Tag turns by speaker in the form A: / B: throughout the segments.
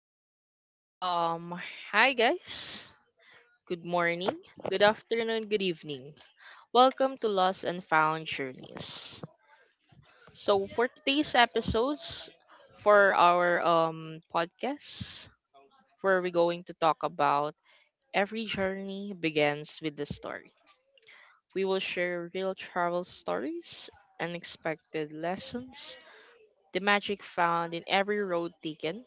A: So, um, hi guys. Good morning, good afternoon, good evening. Welcome to Lost and Found Journeys. So, for today's episodes, for our podcast, where we're going to talk about every journey begins with the story. We will share real travel stories, unexpected lessons, the magic found in every road taken.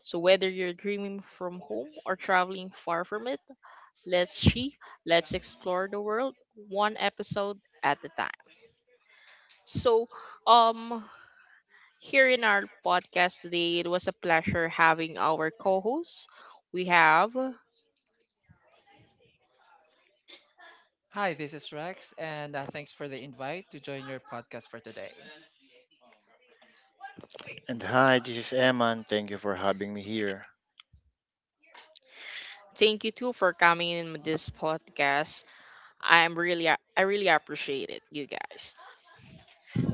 A: So, whether you're dreaming from home or traveling far from it, let's see, let's explore the world one episode at a time. So, um here in our podcast today, it was a pleasure having our co-hosts. We have
B: Hi, this is Rex, and thanks for the invite to join your podcast for today.
C: And hi, this is Eman. Thank you for having me here.
A: thank you too for coming in with this podcast. I really appreciate it, you guys.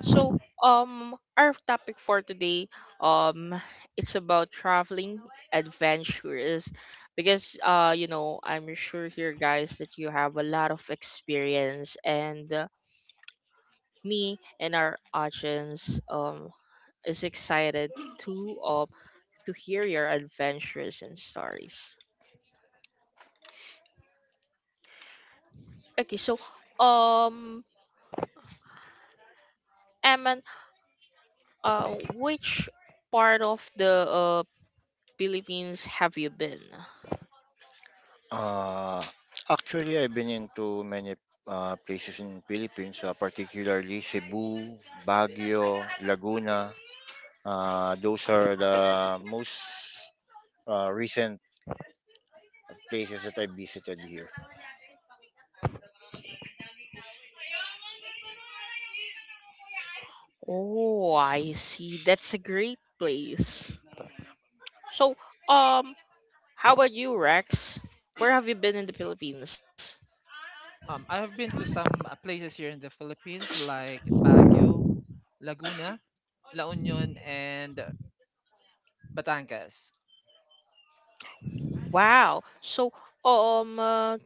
A: So, our topic for today, um, it's about traveling adventures because I'm sure here, guys, that you have a lot of experience, and me and our audience, is excited to uh, to hear your adventures and stories. Okay, so um, Eman, which part of the Philippines have you been?
C: Uh, Actually, I've been into many places in Philippines, particularly Cebu, Baguio, Laguna. Those are the most recent places that I visited here.
A: Oh, I see. That's a great place. So, um, how about you, Rex? Where have you been in the Philippines?
B: I have been to some places here in the Philippines like Baguio, Laguna, La Union, and Batangas.
A: Wow. So, um, uh,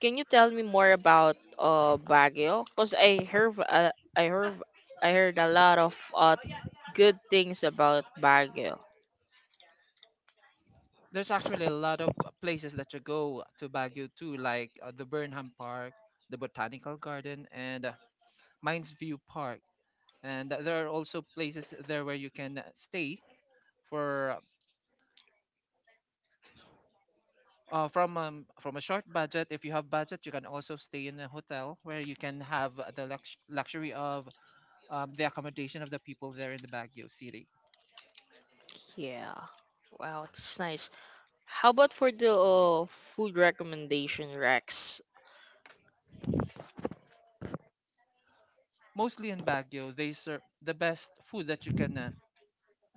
A: can you tell me more about Baguio? Cause I heard, I heard a lot of good things about Baguio.
B: There's actually a lot of places that you go to Baguio too, like the Burnham Park, the Botanical Garden, and Mines View Park. And there are also places there where you can stay for from a short budget. If you have budget, you can also stay in a hotel where you can have the luxury of the accommodation of the people there in the Baguio city.
A: Yeah. Wow, that's nice. How about for the food recommendation, Rex?
B: Mostly in Baguio, they serve the best food that you can uh,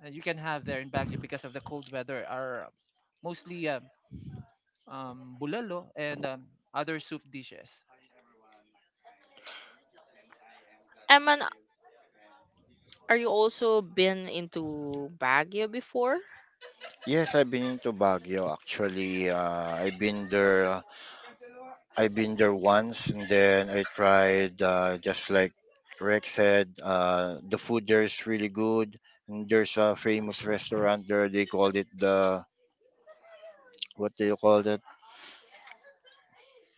B: uh, you can have there in Baguio, because of the cold weather, are mostly bulalo and other soup dishes.
A: Eman, are you also been into Baguio before?
C: Yes, I've been into Baguio actually. I've been there once, and then I tried just like Rex said, the food there is really good. And there's a famous restaurant there. They called it the what do you call that?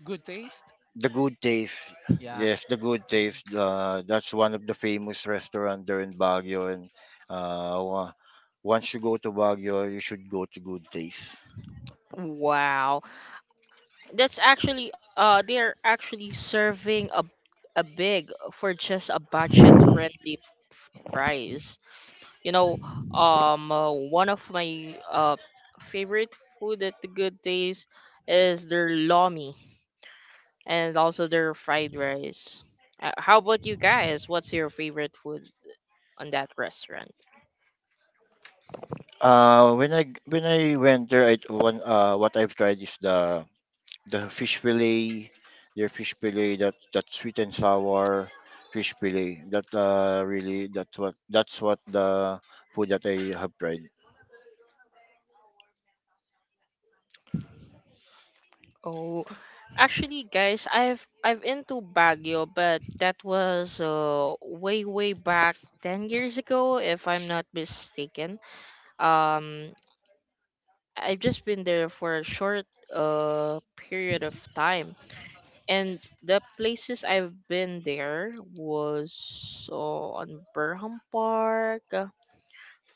B: Good taste.
C: The Good Taste.
B: Yeah,
C: Yes, the Good Taste. That's one of the famous restaurant there in Baguio. And uh, wa- once you go to Baguio, you should go to Good Taste.
A: Wow. That's actually they're actually serving a big for just a budget friendly price. You know, one of my favorite food at the good days is their lomi and also their fried rice. How about you guys? What's your favorite food on that restaurant?
C: When I went there, I, one what I've tried is the fish fillet, their fish fillet, that sweet and sour fish fillet. That really that's what the food that I have tried.
A: Oh, actually, guys, I've into Baguio, but that was way way back 10 years ago, if I'm not mistaken. Um, I've just been there for a short period of time, and the places I've been there was on Burham Park,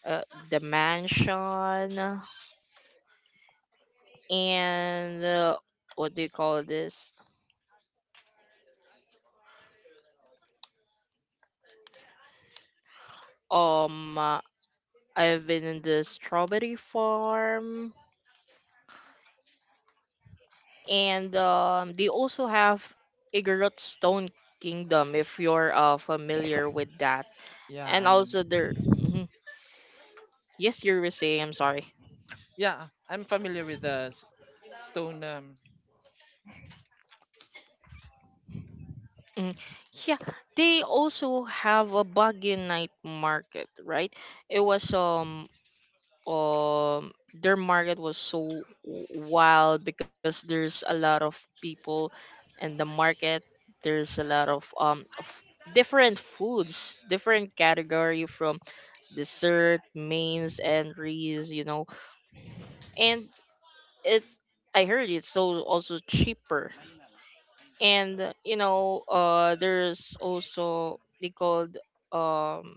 A: uh, the mansion, and what do you call this? Um. I've been in the strawberry farm, and they also have Igorot Stone Kingdom if you're familiar with that.
B: yeah,
A: And also there, mhm, yes, you were saying. I'm sorry.
B: yeah, I'm familiar with the stone
A: Mm. Yeah, they also have a Baguio night market, right? It was their market was so wild because there's a lot of people in the market. There's a lot of different foods, different category, from dessert, mains, entries, you know. And it, I heard it's so also cheaper, and there's also they called um.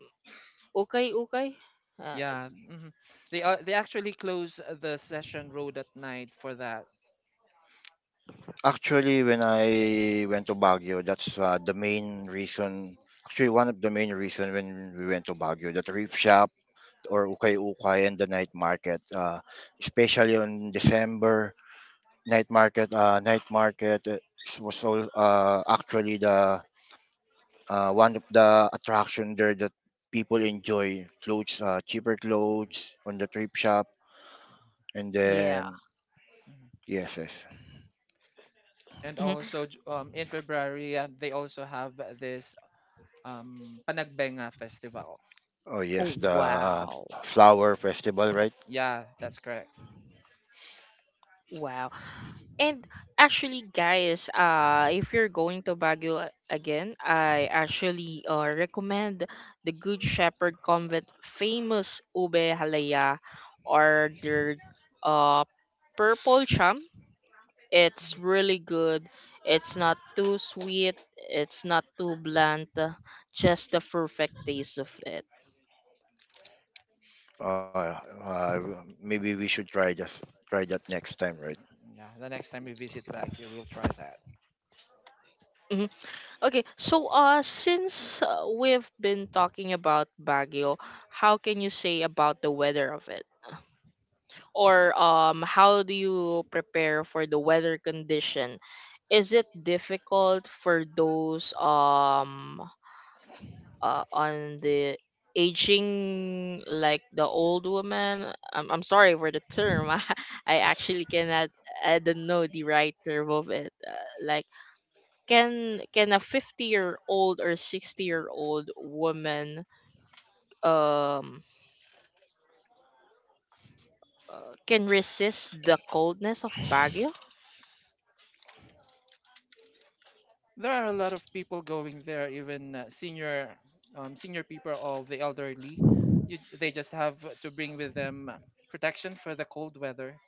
A: Okay, okay. Uh,
B: Yeah, mhm. They actually close the Session Road at night for that.
C: Actually, when I went to Baguio, that's the main reason. Actually, one of the main reason when we went to Baguio, that reef shop or ukay ukay and the night market, especially on December night market. Night market was all actually the One of the attraction there that people enjoy clothes, cheaper clothes on the thrift shop, and
A: yeah,
C: then
B: Mhm.
C: yes, yes,
B: And
A: mhm.
B: also in February, they also have this Panagbenga festival.
C: oh yes,
A: Oh,
C: the
A: wow.
C: flower festival, right?
B: Yeah, that's correct.
A: Wow. And actually, guys, if you're going to Baguio again, I actually recommend the Good Shepherd Convent famous ube halaya or their uh, purple cham. It's
B: Mhm.
A: really good. It's not too sweet. It's not too bland. Just the perfect taste of it.
C: Uh, uh, Maybe we should try just try that next time, right?
B: Yeah, the next time we visit Baguio, we'll try that.
A: Mhm. Okay, so since we've been talking about Baguio, how can you say about the weather of it? Or how do you prepare for the weather condition? Is it difficult for those on the aging, like the old woman, I'm sorry for the term, I actually cannot. I don't know the right term of it, like, can a 50-year-old or 60-year-old woman um can resist the coldness of Baguio?
B: There are a lot of people going there, even senior people of the elderly. They just have to bring with them protection for the cold weather,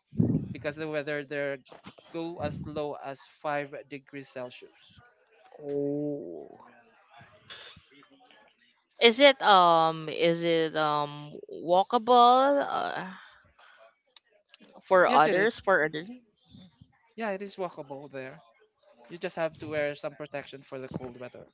B: because the weather there go as low as 5 degrees Celsius.
A: Oh, is it walkable for
B: Yes, it
A: others
B: is.
A: for other?
B: Yeah, it is walkable there. You just have to wear some protection for the cold weather.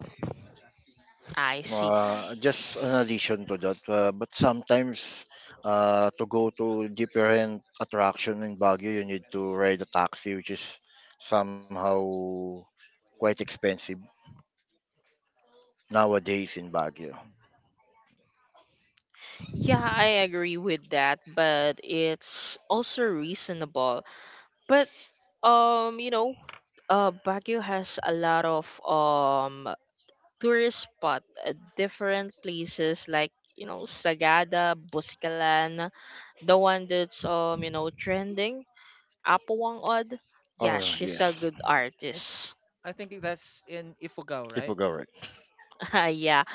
A: I see.
C: Just an addition to that, but sometimes to go to different attraction in Baguio, you need to ride a taxi, which is somehow quite expensive nowadays in Baguio.
A: Yeah, I agree with that, but it's also reasonable. But um you know, Baguio has a lot of tourist spot, different places, Sagada, Buscalan, the one that's trending, Apawang Od. Yeah,
C: Oh,
A: she's a
C: yes.
A: good
B: Mm, It,
A: artist.
B: I think that's in Ifugao, right?
C: Ipugawa.
A: Yeah.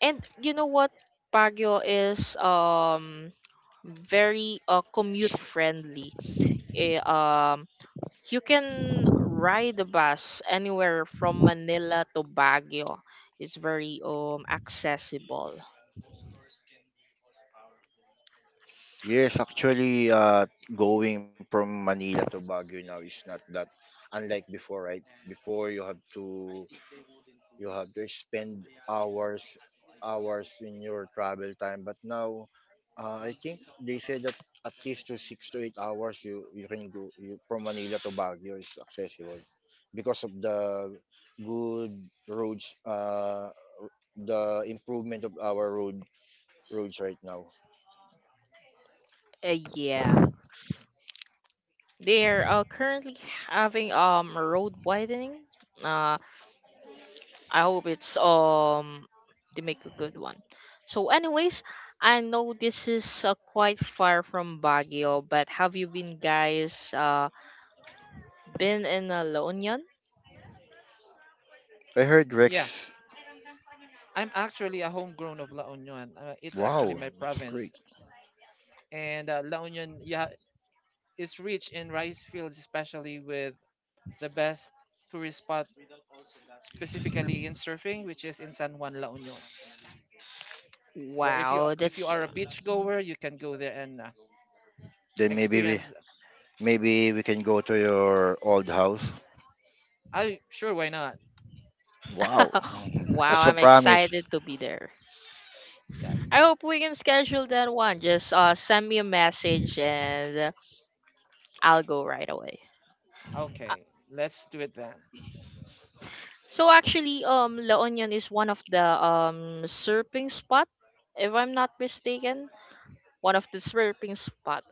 A: And you know what? Baguio is very commute friendly. Eh, um you can ride the bus anywhere from Manila to Baguio. It's very accessible.
C: Yes, actually, going from Manila to Baguio now is not that unlike before, right? Before you have to spend hours in your travel time, but now I think they said that at least to 6 to 8 hours you you can go you, from Manila to Baguio is accessible because of the good roads, the improvement of our roads right now.
A: Yeah. They're currently having road widening. Uh I hope it's they make a good one. So, anyways, I know this is quite far from Baguio, but have you been guys been in La Union?
C: I heard
B: Yeah.
C: Rex.
B: I'm actually a homegrown of La Union. It's actually
C: Wow,
B: my
C: that's great.
B: province. And La Union, yeah, is rich in rice fields, especially with the best tourist spot, specifically in surfing, which is in San Juan, La Union. For
A: Wow,
B: if you
A: that's
B: are a beach goer, you can go there and
C: Then
B: experience.
C: maybe we can go to your old house.
B: I sure why not?
C: Wow,
A: wow!
C: that's a
A: I'm
C: promise.
A: excited to be there.
B: Yeah.
A: I hope we can schedule that one. Just send me a message and I'll go right away. Uh,
B: Okay. Let's do it then.
A: So actually, La Union is one of the surfing spot, if I'm not mistaken. One of the surfing spot.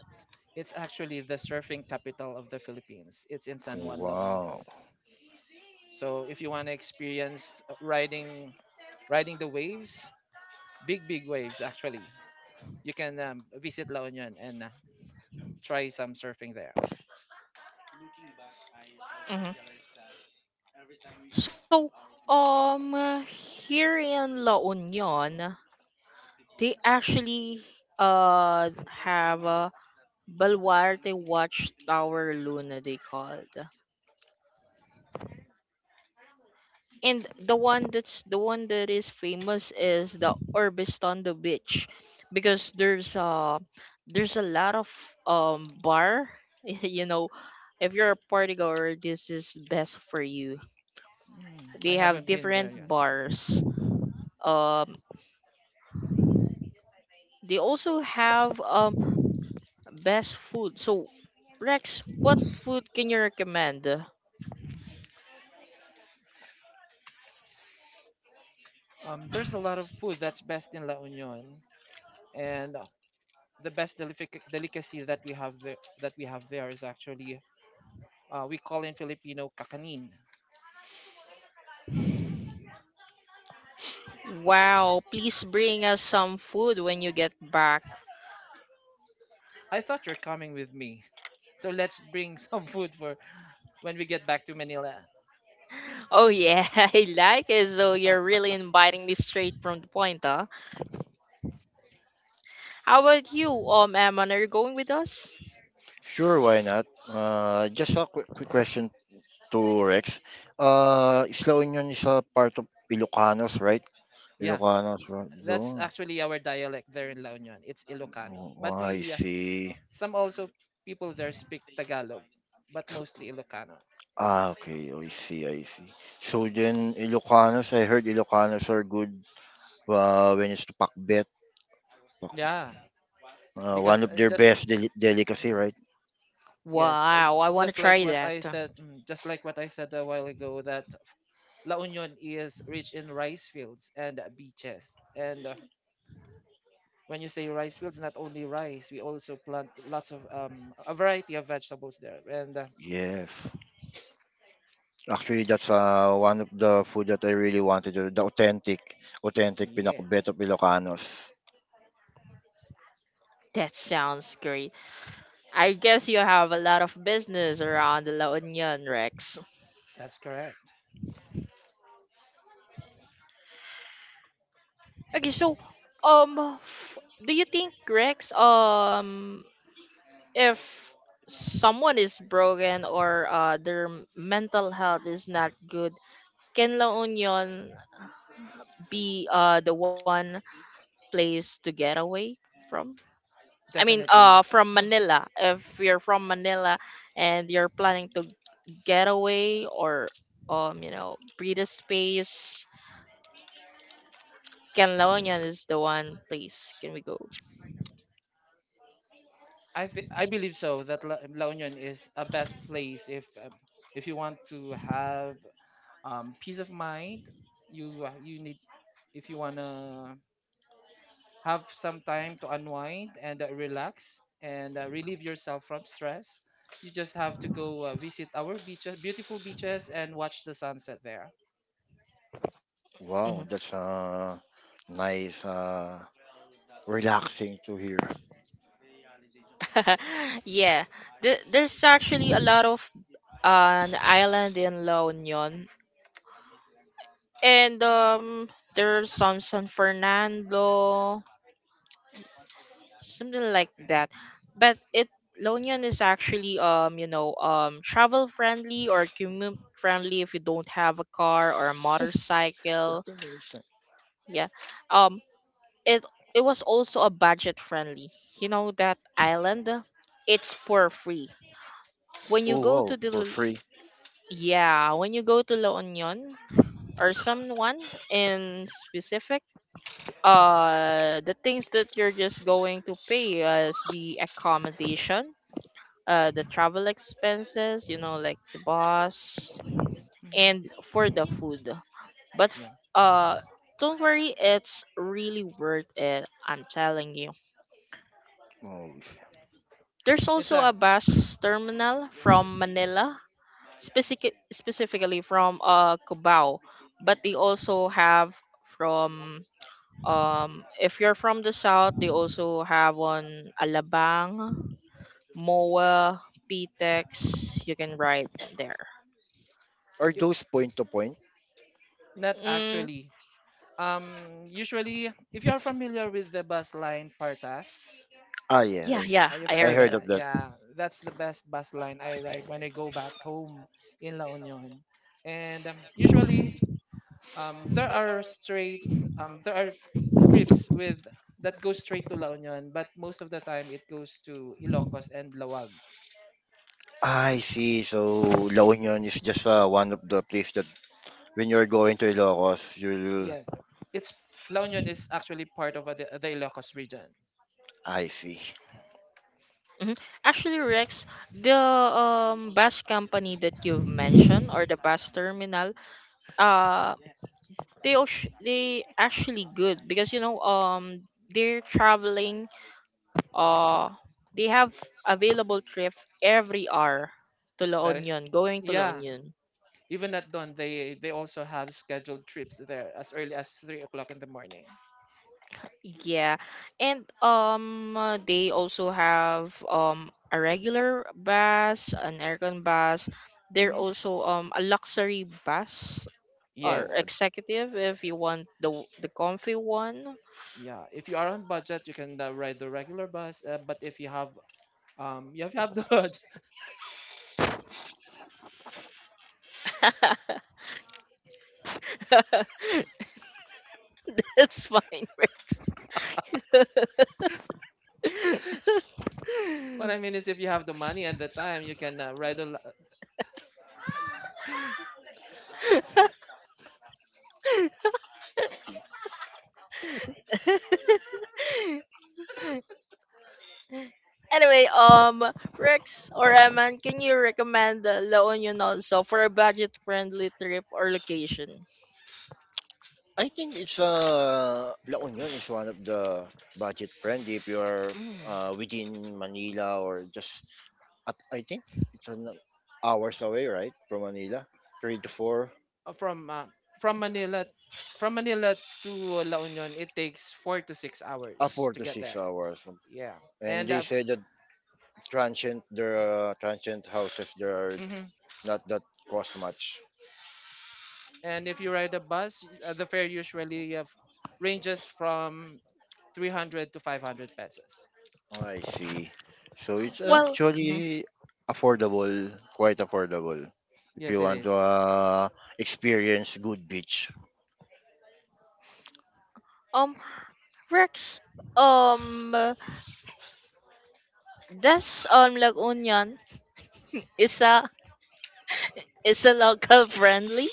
B: It's actually the surfing capital of the Philippines. It's in San Juan, La Union.
C: Wow.
B: So if you want to experience riding the waves, big waves actually, you can visit La Union and try some surfing there.
A: Mhm. So, um, here in La Union, they actually uh have a Baluarte Watchtower Luna, they called. And the one that's the one that is famous is the Orbistondo Beach because there's a lot of bar. you know if you're a party goer, this is best for you. They
B: I
A: have
B: haven't been there
A: different
B: yet.
A: bars, um they also have best food. So, Rex, what food can you recommend?
B: There's a lot of food that's best in La Union, and the best delicacy that we have there is actually we call in Filipino kakanin.
A: Wow, please bring us some food when you get back.
B: I thought you're coming with me. So let's bring some food for when we get back to Manila.
A: Oh, yeah, I like it. So you're really inviting me straight from the point, huh? How about you, Amon? Are you going with us?
C: Sure, why not? Just a quick question to Rex. Isla Union is a part of Ilocanos, right?
B: Yeah,
C: Ilocanos, right?
B: that's
C: Yun.
B: actually our dialect there in La Union. It's Ilocano.
C: Oh,
B: But
C: I see.
B: some also people there speak Tagalog, but mostly Ilocano.
C: Ah, okay. Oh, I see, I see. So then Ilocanos, I heard Ilocanos are good when it's to pakbet. Pak-
B: Yeah,
C: One
B: because
C: of their
B: just.
C: best deli- delicacy,
B: Mhm.
C: right?
B: Yes,
A: Wow, I want to try that.
B: just like what I said a while ago that La Union is rich in rice fields and beaches and when you say rice fields, not only rice, we also plant lots of a variety of vegetables there. And
C: Yes. Actually, that's one of the food that I really wanted, authentic pinakbet of
B: yes,
C: Ilocanos.
A: That sounds great. I guess you have a lot of business around La Union, Rex.
B: that's correct.
A: Okay, so, um, f- do you think, Rex, if someone is broken or their mental health is not good, can La Union be the one place to get away from? I mean,
B: Definitely.
A: from Manila. If you're from Manila and you're planning to get away or breathe a space, Canloñan is the one place can we go.
B: I believe so that La Union is a best place if you want to have peace of mind. You need if you wanna have some time to unwind and relax and relieve yourself from stress. You just have to go visit our beaches, beautiful beaches, and watch the sunset there.
C: Wow,
A: Mhm.
C: that's nice, relaxing to hear.
A: Yeah, there's actually a lot of an island in La Union, and there's some San Fernando, something like that. But it, Lonian is actually travel friendly or commute friendly if you don't have a car or a motorcycle. Yeah. Um it it was also a budget friendly. You know that island, it's for free. When you
C: Oh,
A: go to
C: wow,
A: the
C: for
A: L-,
C: free.
A: yeah, when you go to La Union or someone in specific, the things that you're just going to pay is the accommodation, the travel expenses, you know, like the bus,
B: Mhm.
A: and for the food. But
B: Yeah,
A: don't worry, it's really worth it, I'm telling you.
C: Oh.
A: There's
B: it's
A: also
B: a
A: a bus terminal from Manila, specifically from Cubao, but they also have from if you're from the south, they also have on Alabang, Moa, Pitex. You can ride from there.
C: Are
B: it-
C: those point to point?
B: not
A: Mm,
B: actually. Usually, if you are familiar with the bus line Partas,
C: Ah, yeah,
A: yeah,
C: I,
A: yeah,
B: are you
A: I
C: I
A: heard
B: familiar with
A: that.
C: heard of
B: that?
C: that.
B: Yeah, that's the best bus line I ride when I go back home in La Union. And usually, um, there are straight there are trips with that goes straight to La Union, but most of the time it goes to Ilocos and Lawag.
C: I see. So La Union is just one of the place that when you're going to Ilocos, you'll.
B: Yes, it's La Union is actually part of the Ilocos region.
C: I see.
A: Mhm. Actually, Rex, the bus company that you've mentioned, or the bus terminal, uh, they they actually good because they're traveling, uh they have available trip every hour to La
B: That is,
A: Union, going to La
B: yeah.
A: Union.
B: Even at dawn, they also have scheduled trips there as early as 3 o'clock in the morning.
A: Yeah. And they also have a regular bus, an aircon bus. They're
B: Hmm.
A: also a luxury bus or
C: Wow.
B: Yes,
A: executive if you want the the comfy one.
B: yeah. If you are on budget, you can ride the regular bus. But if you you have the budget.
A: That's fine, Rex.
B: What I mean is, if you have the money and the time, you can ride the
A: Anyway, Rex or Eman, can you recommend La Union also for a budget-friendly trip or location?
C: I think it's La Union is one of the budget friendly if you're
B: Mm.
C: within Manila or just at, I think it's an hours away right from Manila, three to four,
B: Uh, from uh, from Manila from Manila to La Union. It takes four to six hours
C: four
B: to
C: to
B: get
C: six
B: there.
C: hours.
B: Yeah.
C: And
B: and
C: they
B: uh,
C: say that transient houses, they are
B: mhm.
C: not that cost much.
B: and if you ride a bus, the fare usually ranges from 300 to 500 pesos.
C: Oh, I see. So it's
A: Well, mhm.
C: actually affordable, quite affordable. If you
B: Yes, it
C: want to
B: is.
C: experience good beach.
A: um, Rex, um, this La Union is a local friendly.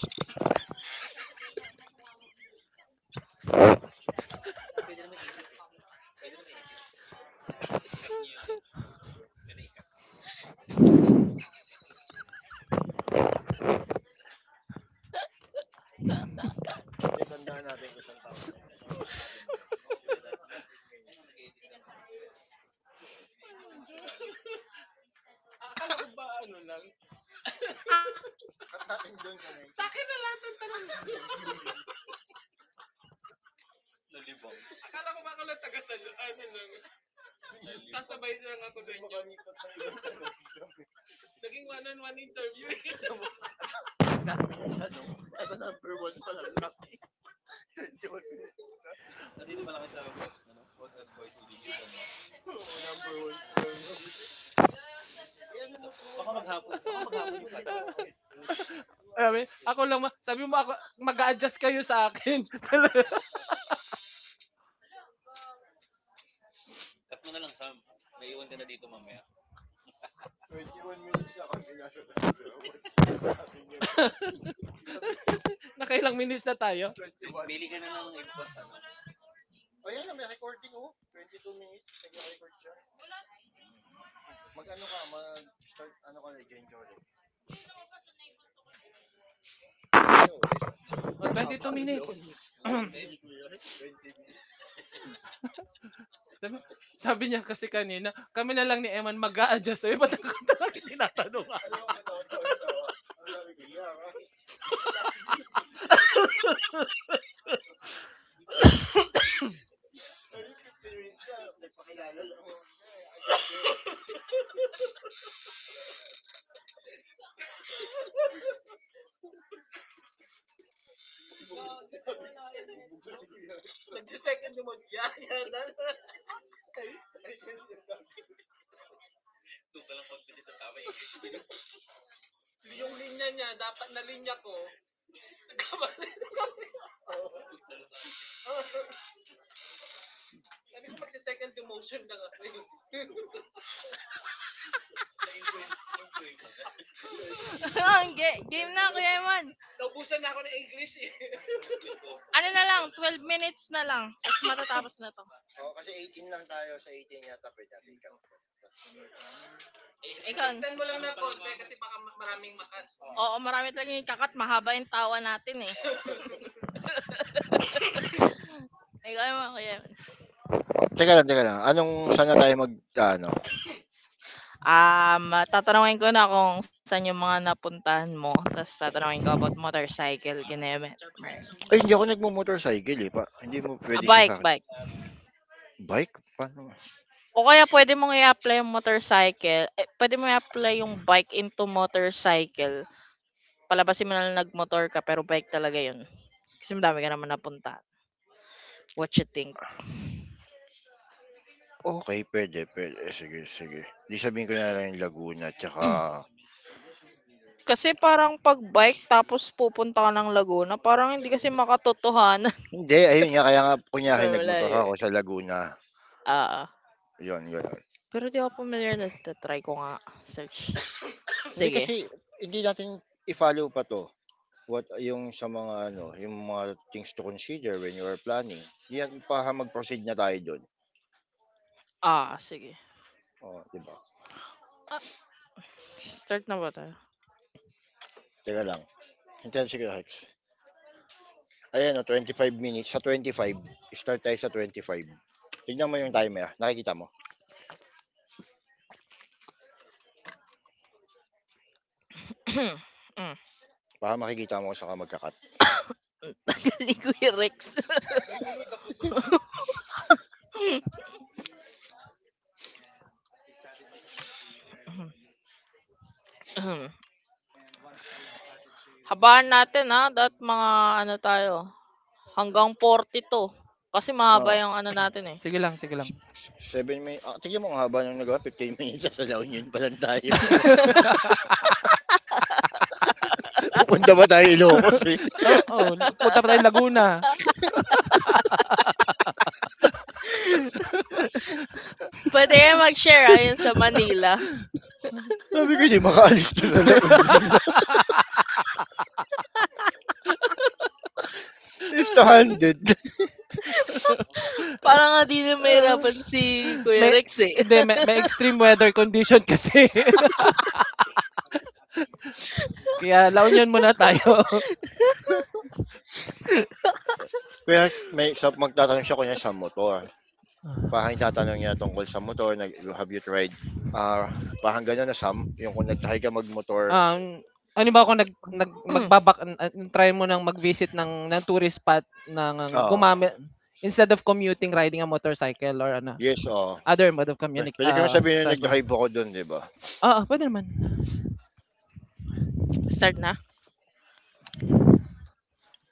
C: Tandaan natin kung saan tayo. Number one pa lang, Lord,
A: Game, game. Kuya Eman, ikaw naman. Ikaw naman tatanungin ko. Ha?
B: Alam mo, yun, ako lang, sabi mo
A: Oo
B: ako,
A: nga, ikaw naman
B: mag-adjust
A: yan yung
B: kayo sa
A: tatanungin ko.
B: akin. Nakailang minutes na tayo? O, 2 minutes. Sabi, sabi niya kasi kanina, kami na lang ni Eman mag-a-adjust. Sabi, ba't ako talaga tinata?
A: Oo, game na Kuya Eman. Ano na lang, 12 minutes na lang, tapos matatapos na 'to. Ikaw, oo, marami talagang kakat, mahaba yung tawa natin, eh. Ikaw naman, Kuya Eman.
C: oh, teka lang, teka lang. Anong, saan na tayo mag, ah, ano?
A: Tatanungin ko na kung saan yung mga napuntahan mo, tapos tatanungin ko about motorcycle, gineme.
C: Ay, hindi ako nagmo-motorcycle eh. Pa, hindi mo
A: A
C: pwede siya
A: bike,
C: sa akin.
A: bike.
C: Bike? Paano?
A: O kaya pwede mong i-apply yung motorcycle, eh, pwede mo i-apply yung bike into motorcycle. Palabasin mo na lang nagmotor ka, pero bike talaga yun. Kasi madami ka naman napunta. What you think?
C: Okay, pwede, pwede. Eh, Sige, sige. Di sabihin ko na lang yung Laguna, tsaka...
A: Kasi parang 'pag bike tapos pupunta ka ng Laguna parang hindi kasi makatotohanan.
C: Hindi, ayun nga, kaya nga kunyari
A: Pero wala,
C: nagmotor
A: eh,
C: ako sa Laguna.
A: oo.
C: Yun, yun.
A: Pero di ako pamilyar na ta-try ko nga, search.
C: Hindi
A: Sige,
C: kasi hindi natin i-follow pa 'to, what yung sa mga ano, yung mga things to consider when you are planning. Yan baka mag-proceed na tayo dun,
A: ah sige.
C: oo, 'di ba?
A: Start na ba tayo?
C: Teka lang, hintayin seconds. Ayan o 25 minutes, sa 25 start tayo sa 25. Tignan mo yung timer, nakikita mo? Baka makikita mo kung saan ka magka-cut.
A: Ni Kuya Rex. Ahem. Habaan natin, ah, dapat mga ano tayo, hanggang 42 kasi mahaba
C: Oo,
A: yung ano natin, eh.
B: Sige lang, sige lang.
C: 7 min ah, tignan mo ang haba ng nagawa 15 minutes sa La Union pa lang tayo. Pupunta pa tayo Ilocos, eh.
B: Oo, punta pa tayo Laguna.
A: Puwede kayong mag-share, ah, yung sa Manila.
C: Sabi ko, "Hindi makaalis 'to sa La Union, ah, left-handed."
A: Para nga di na mahirapan si Kuya
B: May,
A: Rex, eh.
B: hindi, may extreme weather condition kasi. Kaya La Union muna tayo.
C: Kaya s may sa magtatanong siya kunyari sa motor, parang tatanong niya tungkol sa motor, nag have you tried, ah, parang gano'n na Sam, yung kung nag-try ka magmotor motor
B: um, Ano ba ako nag, nag magbabak try mo nang mag-visit ng tourist spot ng gumamit instead of commuting, riding a motorcycle or ano
C: yes, oo.
B: other mode of
C: Pwe
B: communic
C: puwede ko naman sabihin na
B: transport.
C: nag-drive ako do'n 'di ba?
B: Ah, ah, pwede naman.
A: Start na?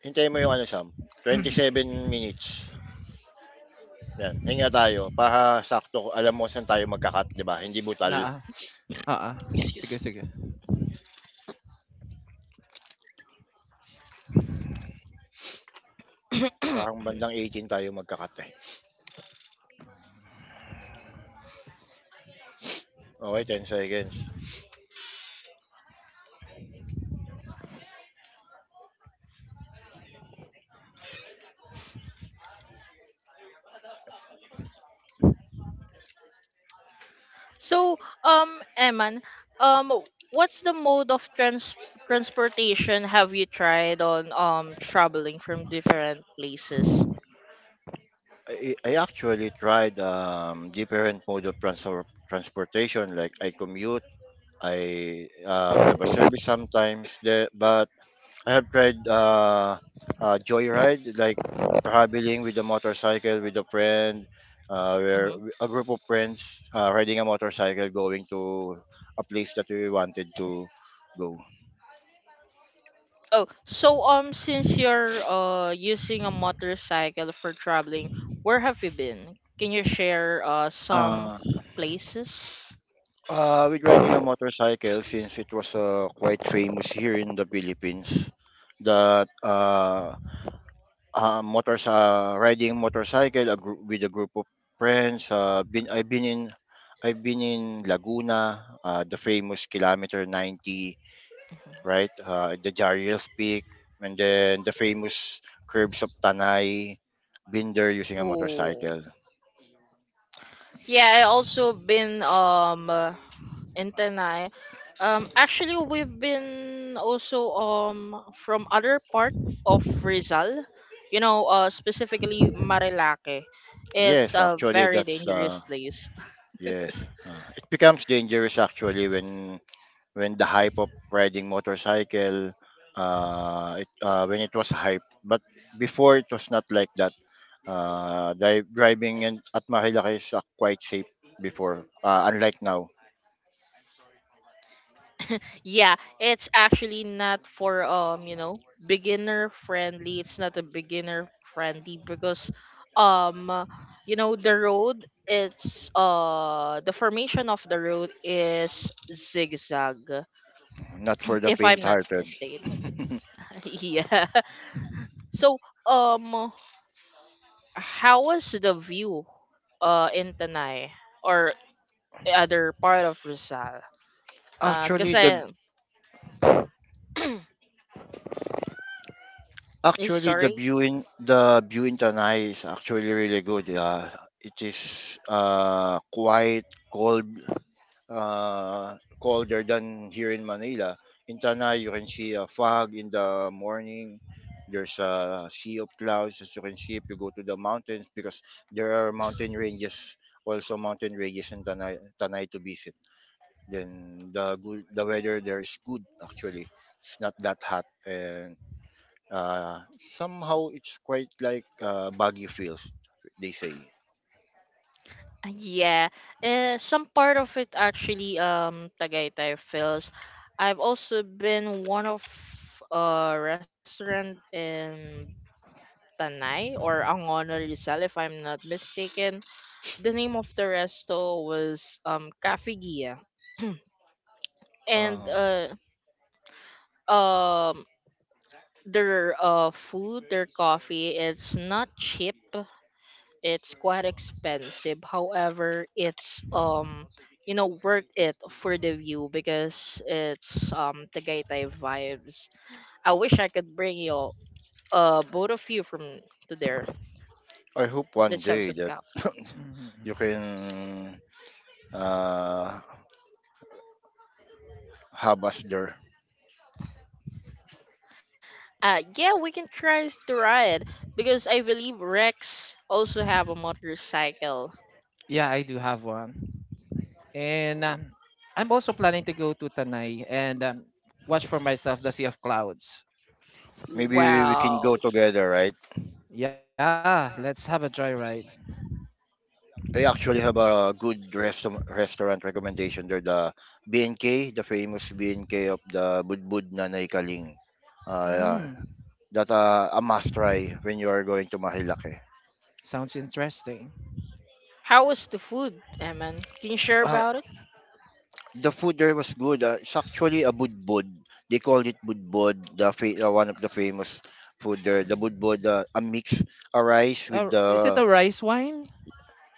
C: Hintayin mo yung ano Sam, 7 minutes, 'yan hinga tayo para sakto alam mo saan tayo magka 'di ba, hindi
B: Na
C: butal.
B: ah. Ah, ah.
A: Excuse.
B: Sige, sige.
C: Parang bandang 18 tayo magka eh. Okey, 10 seconds.
A: So, Eman, um, what's the mode of transportation have you tried on traveling from different places?
C: I actually tried, different mode of transor transportation like I commute, I we have a service sometimes there, but I have tried joyride, like traveling with a motorcycle with a friend,
A: Hmm.
C: a group of friends riding a motorcycle going to a place that we wanted to go.
A: Oh, so since you're using a motorcycle for traveling, where have you been? Can you share some
C: Uh,
A: places?
C: with riding a motorcycle, since it was quite famous here in the Philippines, that uh, riding motorcycle with a group of friends. Been I've been in Laguna, the famous kilometer 90, right? The Jarius Peak, and then the famous curves of Tanay. Been there using a
A: Oh,
C: motorcycle.
A: yeah, I also been in Tenai. Actually, we've been also from other part of Rizal, you know, specifically Marilake. It's
C: Yes,
A: a
C: actually,
A: very
C: that's
A: dangerous place.
C: yes. It becomes dangerous actually when the hype of riding motorcycle, when it was hype. But before it was not like that. Driving in at Marilaki is quite safe before, unlike now.
A: Yeah, it's actually not for beginner friendly. It's not a beginner friendly because um, the road, it's the formation of the road is zigzag
C: Not for the
A: if
C: faint
A: I'm not
C: hearted.
A: mistaken. yeah. So, um, how was the view, in Tanay or other part of Rizal? Cause
C: actually the
A: I, eh,
C: actually
A: sorry,
C: the view in Tanay is actually really good. It is quite cold, colder than here in Manila. In Tanay, you can see a fog in the morning. There's a sea of clouds, as you can see if you go to the mountains, because there are mountain ranges, in Tanay, Tanay to visit. Then the weather there is good actually. It's not that hot, and uh, somehow it's quite like Baguio feels, they say.
A: Yeah, some part of it actually, Tagaytay feels. I've also been one of a restaurant in Tanay or Angono Rizal, if I'm not mistaken. The name of the resto was Cafe Gia. and
C: Uh,
A: uh um their food, their coffee, it's not cheap. It's quite expensive. However, it's worth it for the view because it's Tagaytay vibes. I wish I could bring you both of you from to there.
C: I hope one
A: Let's have
C: day
A: some
C: that
A: coffee.
C: you can uh, have us there.
A: Yeah, we can try to ride because I believe Rex also have a motorcycle.
B: Yeah, I do have one. And I'm also planning to go to Tanay and watch for myself the Sea of Clouds.
C: Maybe we can
A: Wow.
C: go together, right?
B: Yeah, let's have a joyride.
C: I actually have a good restaurant recommendation there. The BNK, the famous BNK of the Budbud na Naikaling. Yeah,
B: Hmm,
C: that a must try when you are going to Mahilake.
B: sounds interesting.
A: How was the food, Eman? Can you share about it?
C: The food there was good. It's actually a budbud. They call it budbud, one of the famous food there. The budbud, a rice with
B: Is it
C: the
B: a rice wine?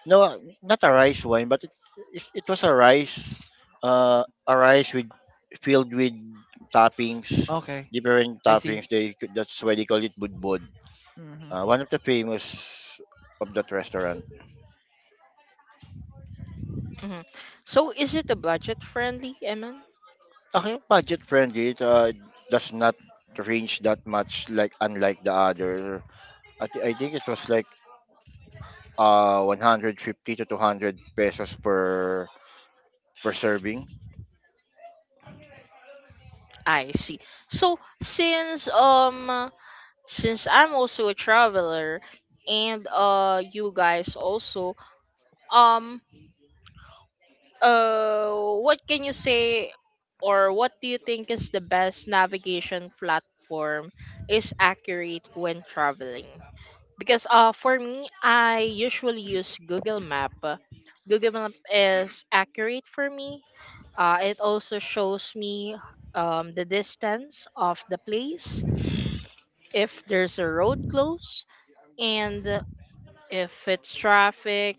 C: no, not a rice wine, but it was a rice with filled with toppings,
B: Okay,
C: different
B: I see.
C: toppings. They that's why they call it budbud.
B: Hmm.
C: One of the famous of that restaurant.
A: Mhm. So is it a budget friendly, Eman?
C: Okay, budget friendly. It does not range that much, like unlike the other. I think it was like 150 to 200 pesos per per serving.
A: I see. So since I'm also a traveler and you guys also um uh what can you say or what do you think is the best navigation platform is accurate when traveling? Because for me, I usually use Google Map. Google Map is accurate for me. It also shows me the distance of the place, if there's a road close, and if it's traffic.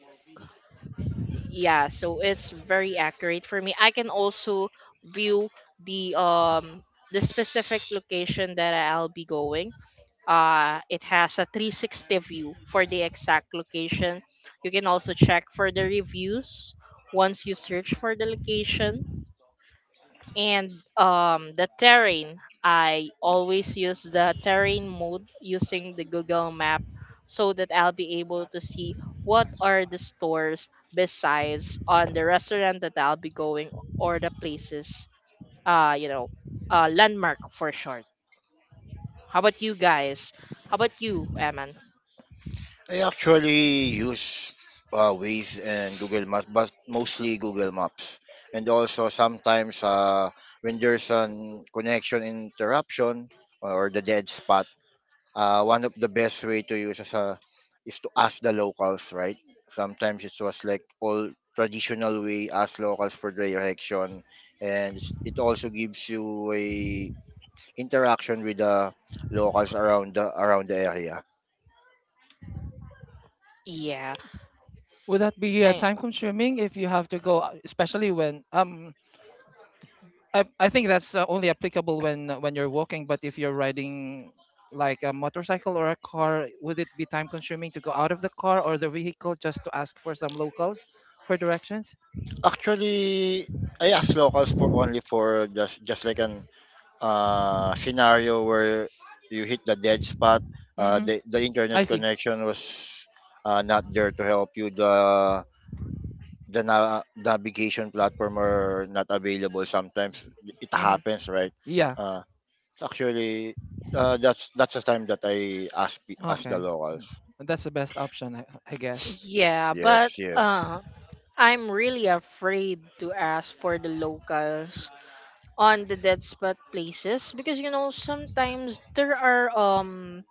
A: Yeah, so it's very accurate for me. I can also view the um the specific location that I'll be going. It has a 360 view for the exact location. You can also check for the reviews once you search for the location. And the terrain, I always use the terrain mode using the Google Map so that I'll be able to see what are the stores besides on the restaurant that I'll be going, or the places, uh, you know, landmark for short. How about you guys? How about you, Eman?
C: I actually use Waze and Google Maps, but mostly Google Maps. And also sometimes when there's an connection interruption, or the dead spot, one of the best way to use is to ask the locals, right? Sometimes it was like all traditional way ask locals for direction, and it also gives you a interaction with the locals around the area.
A: Yeah,
B: Would that be
A: I,
B: time consuming if you have to go, especially when I think that's only applicable when when you're walking, but if you're riding like a motorcycle or a car, would it be time consuming to go out of the car or the vehicle just to ask for some locals for directions?
C: Actually, I asked locals for only for just like an scenario where you hit the dead spot. Uh,
B: Mm-hmm.
C: the the
B: I
C: internet
B: see.
C: connection was not there to help you. The navigation platform are not available. Sometimes it
B: Mm-hmm.
C: happens, right?
B: Yeah.
C: Uh, actually, that's the time that I ask the
B: Okay.
C: locals.
B: That's the best option, I guess.
A: yeah, but
C: Yes, yeah.
A: I'm really afraid to ask for the locals on the dead spot places, because you know sometimes there are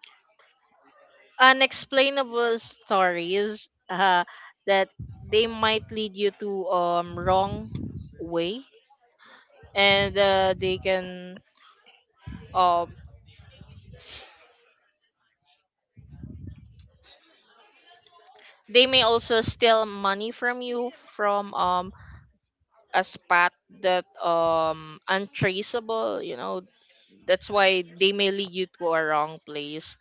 A: unexplainable stories that they might lead you to wrong way, and they can um they may also steal money from you from a spot that untraceable, you know, that's why they may lead you to a wrong place.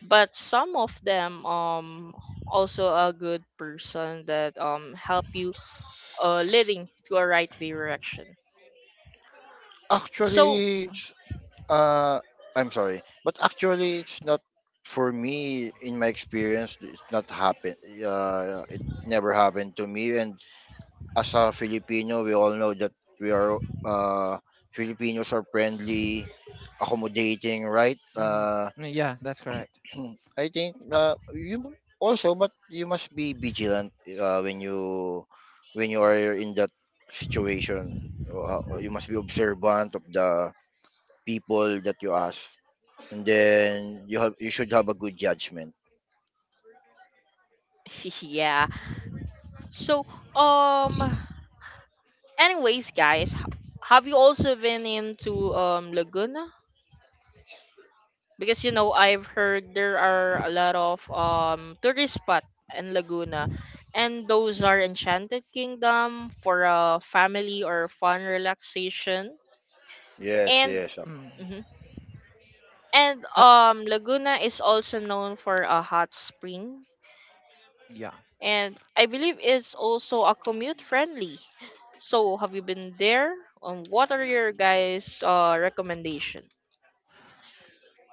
A: But some of them, also a good person that help you leading to a right direction. So
C: Actually, Uh, I'm sorry, but actually, it's not for me. In my experience, it's not happened. It never happened to me. And as a Filipino, we all know that we are Filipinos are friendly, accommodating, right?
B: Mm-hmm. Yeah, that's correct.
C: I think you also, but you must be vigilant when you are in that situation. You must be observant of the people that you ask and then you have you should have a good judgment.
A: yeah. So um anyways guys, have you also been into Laguna? Because you know I've heard there are a lot of tourist spot in Laguna, and those are Enchanted Kingdom for a family or fun relaxation.
C: Yes,
A: And
C: yes. ac-
B: Mm.
A: mhm. And
B: Uh,
A: Laguna is also known for a hot spring,
B: yeah.
A: and I believe it's also a commute friendly. So have you been there? What are your guys' recommendation?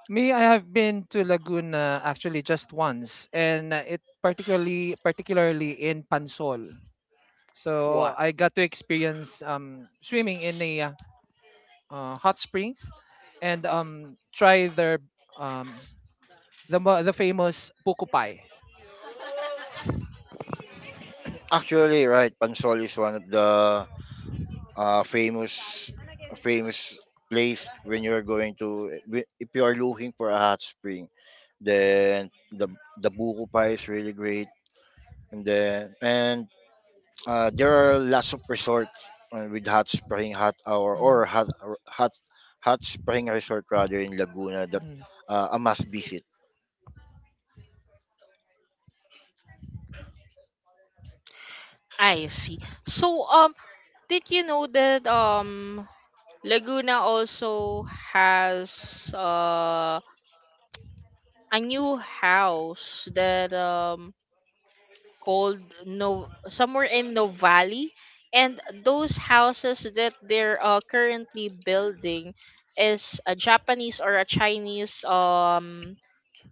B: Me, I have been to Laguna actually just once, and it particularly in Pansol. So
A: Wow,
B: I got to experience swimming in a hot springs, and try their um, the famous puku pie.
C: Actually, right, Pansol is one of the uh, famous famous place when you're going to wi- if you are looking for a hot spring, then the buko pie is really great. And then and There are lots of resorts with hot spring hot hour
B: Hmm.
C: or hot hot hot spring resort rather in Laguna that
B: Hmm.
C: a must visit.
A: I see. So did you know that Laguna also has a new house that called no somewhere in Novali, and those houses that they're currently building is a Japanese or a Chinese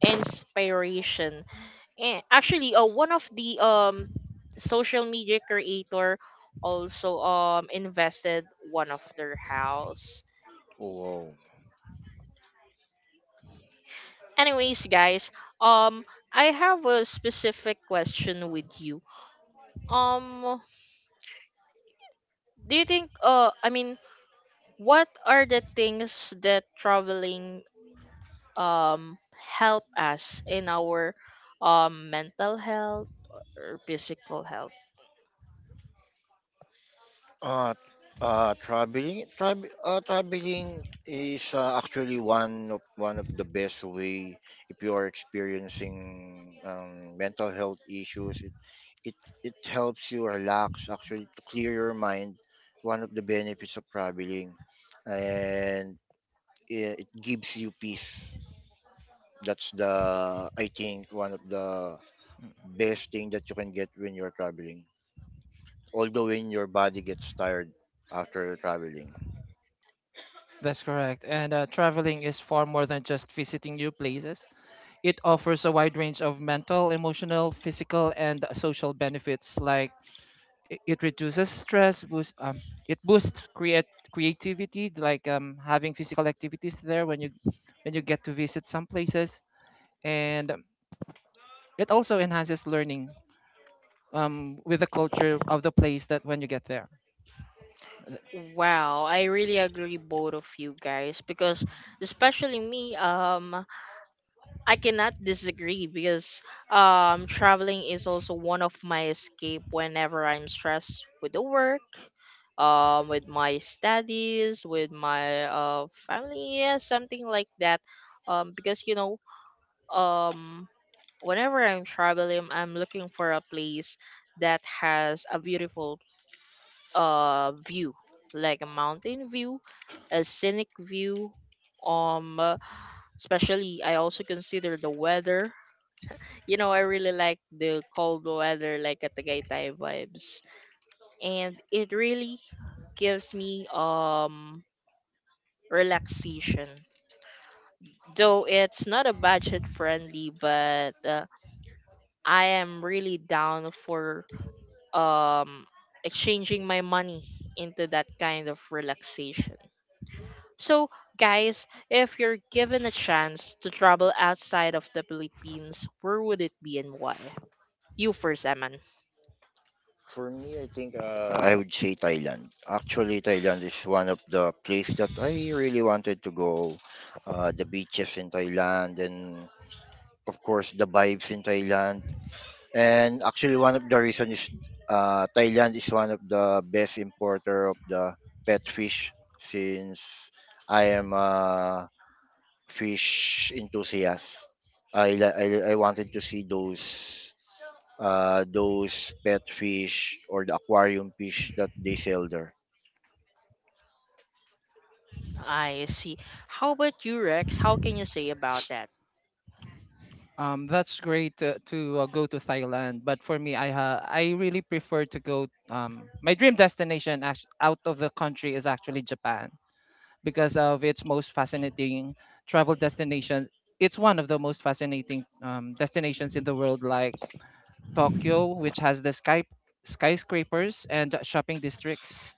A: inspiration. And actually one of the social media creator also invested one of their house.
C: Oh, wow.
A: Anyways, guys, um, I have a specific question with you. Um, do you think, what are the things that traveling, help us in our, mental health or physical health?
C: Uh, Traveling is actually one of the best way if you are experiencing mental health issues. It it helps you relax, actually to clear your mind. One of the benefits of traveling, and it gives you peace. That's the I think one of the best thing that you can get when you're traveling. Although when your body gets tired after traveling.
B: That's correct. And traveling is far more than just visiting new places. It offers a wide range of mental, emotional, physical, and social benefits. Like it reduces stress, boost it boosts create creativity, like having physical activities there when you get to visit some places, and it also enhances learning with the culture of the place that when you get there. Th-
A: Wow, I really agree both of you guys because especially me, I cannot disagree because traveling is also one of my escape whenever I'm stressed with the work, with my studies, with my family, yeah, something like that. Um, because you know, um whenever I'm traveling, I'm looking for a place that has a beautiful view, like a mountain view, a scenic view, um uh, especially I also consider the weather. You know, I really like the cold weather, like at the Tagaytay vibes, and it really gives me relaxation. Though it's not a budget friendly, but I am really down for um exchanging my money into that kind of relaxation. So, guys, if you're given a chance to travel outside of the Philippines, where would it be and why? You first, Eman.
C: For me, I think I would say Thailand. Actually, Thailand is one of the place that I really wanted to go. The beaches in Thailand, and of course the vibes in Thailand. And actually, one of the reason is Thailand is one of the best importer of the pet fish, since I am a fish enthusiast. I li- I wanted to see those pet fish or the aquarium fish that they sell there.
A: I see. How about you, Rex? How can you say about that?
B: that's great to, go to Thailand, but for me, I really prefer to go my dream destination out of the country, is actually Japan, because of its most fascinating travel destination. It's one of the most fascinating destinations in the world, like Tokyo, which has the skyscrapers and shopping districts.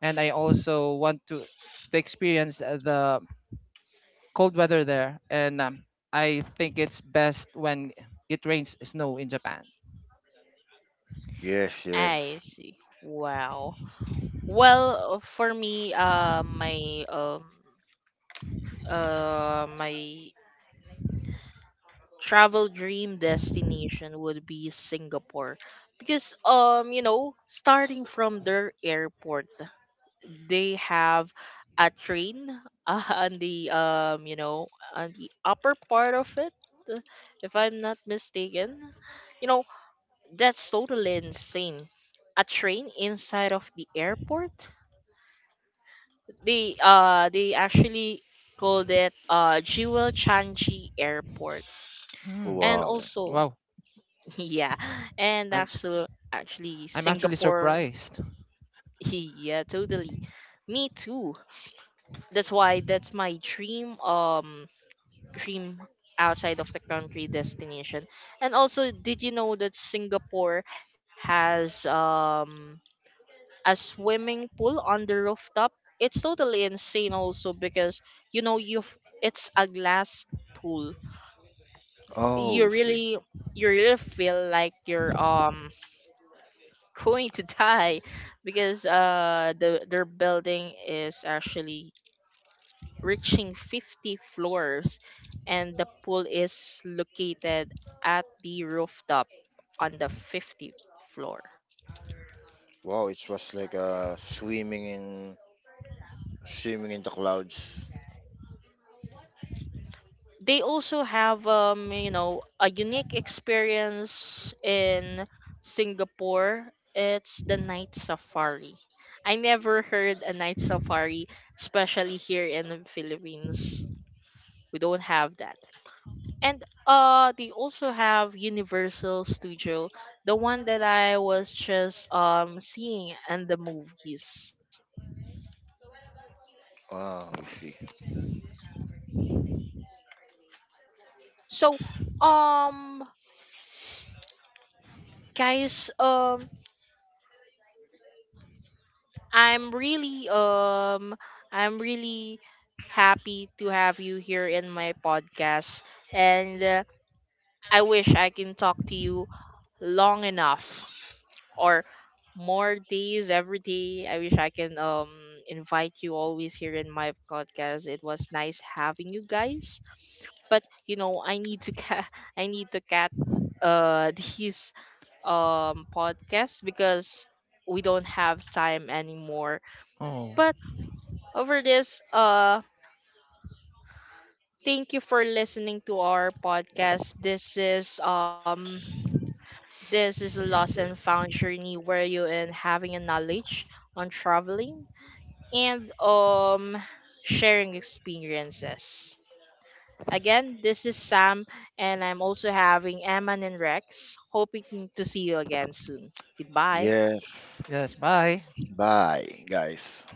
B: And I also want to experience the cold weather there, and I think it's best when it rains snow in Japan.
C: Yes,
A: I
C: yes.
A: see. Wow. Well, for me, my travel dream destination would be Singapore, because you know, starting from their airport, they have a train, on the you know, on the upper part of it, if I'm not mistaken, you know. That's totally insane. A train inside of the airport? They actually called it Jewel Changi Airport.
B: Hmm.
A: And
C: Wow.
A: also
B: Wow,
A: yeah, and
B: I'm
A: actually
B: I'm actually
A: Singapore
B: surprised.
A: yeah, totally. Me too. That's why that's my dream dream outside of the country destination. And also did you know that Singapore has a swimming pool on the rooftop. It's totally insane also because you know you've it's a glass pool. You
C: Oh, see.
A: really you really feel like you're going to die, because the their building is actually reaching 50 floors and the pool is located at the rooftop on the 50th floor.
C: Wow, it was like swimming in the clouds.
A: They also have you know a unique experience in Singapore. It's the night safari. I never heard a night safari, especially here in the Philippines. We don't have that. And they also have Universal Studio, the one that I was just seeing in the movies.
C: Oh, I see.
A: So um guys I'm really I'm really happy to have you here in my podcast, and I wish I can talk to you long enough, or more days every day. I wish I can invite you always here in my podcast. It was nice having you guys, but you know, I need to I need to cat these podcasts because we don't have time anymore.
B: Oh,
A: But over this, thank you for listening to our podcast. This is a lost and found journey where you and having a knowledge on traveling and sharing experiences. Again, this is Sam, and I'm also having Eman and Rex. Hoping to see you again soon. Goodbye.
C: Yes.
B: yes, bye.
C: Bye, guys.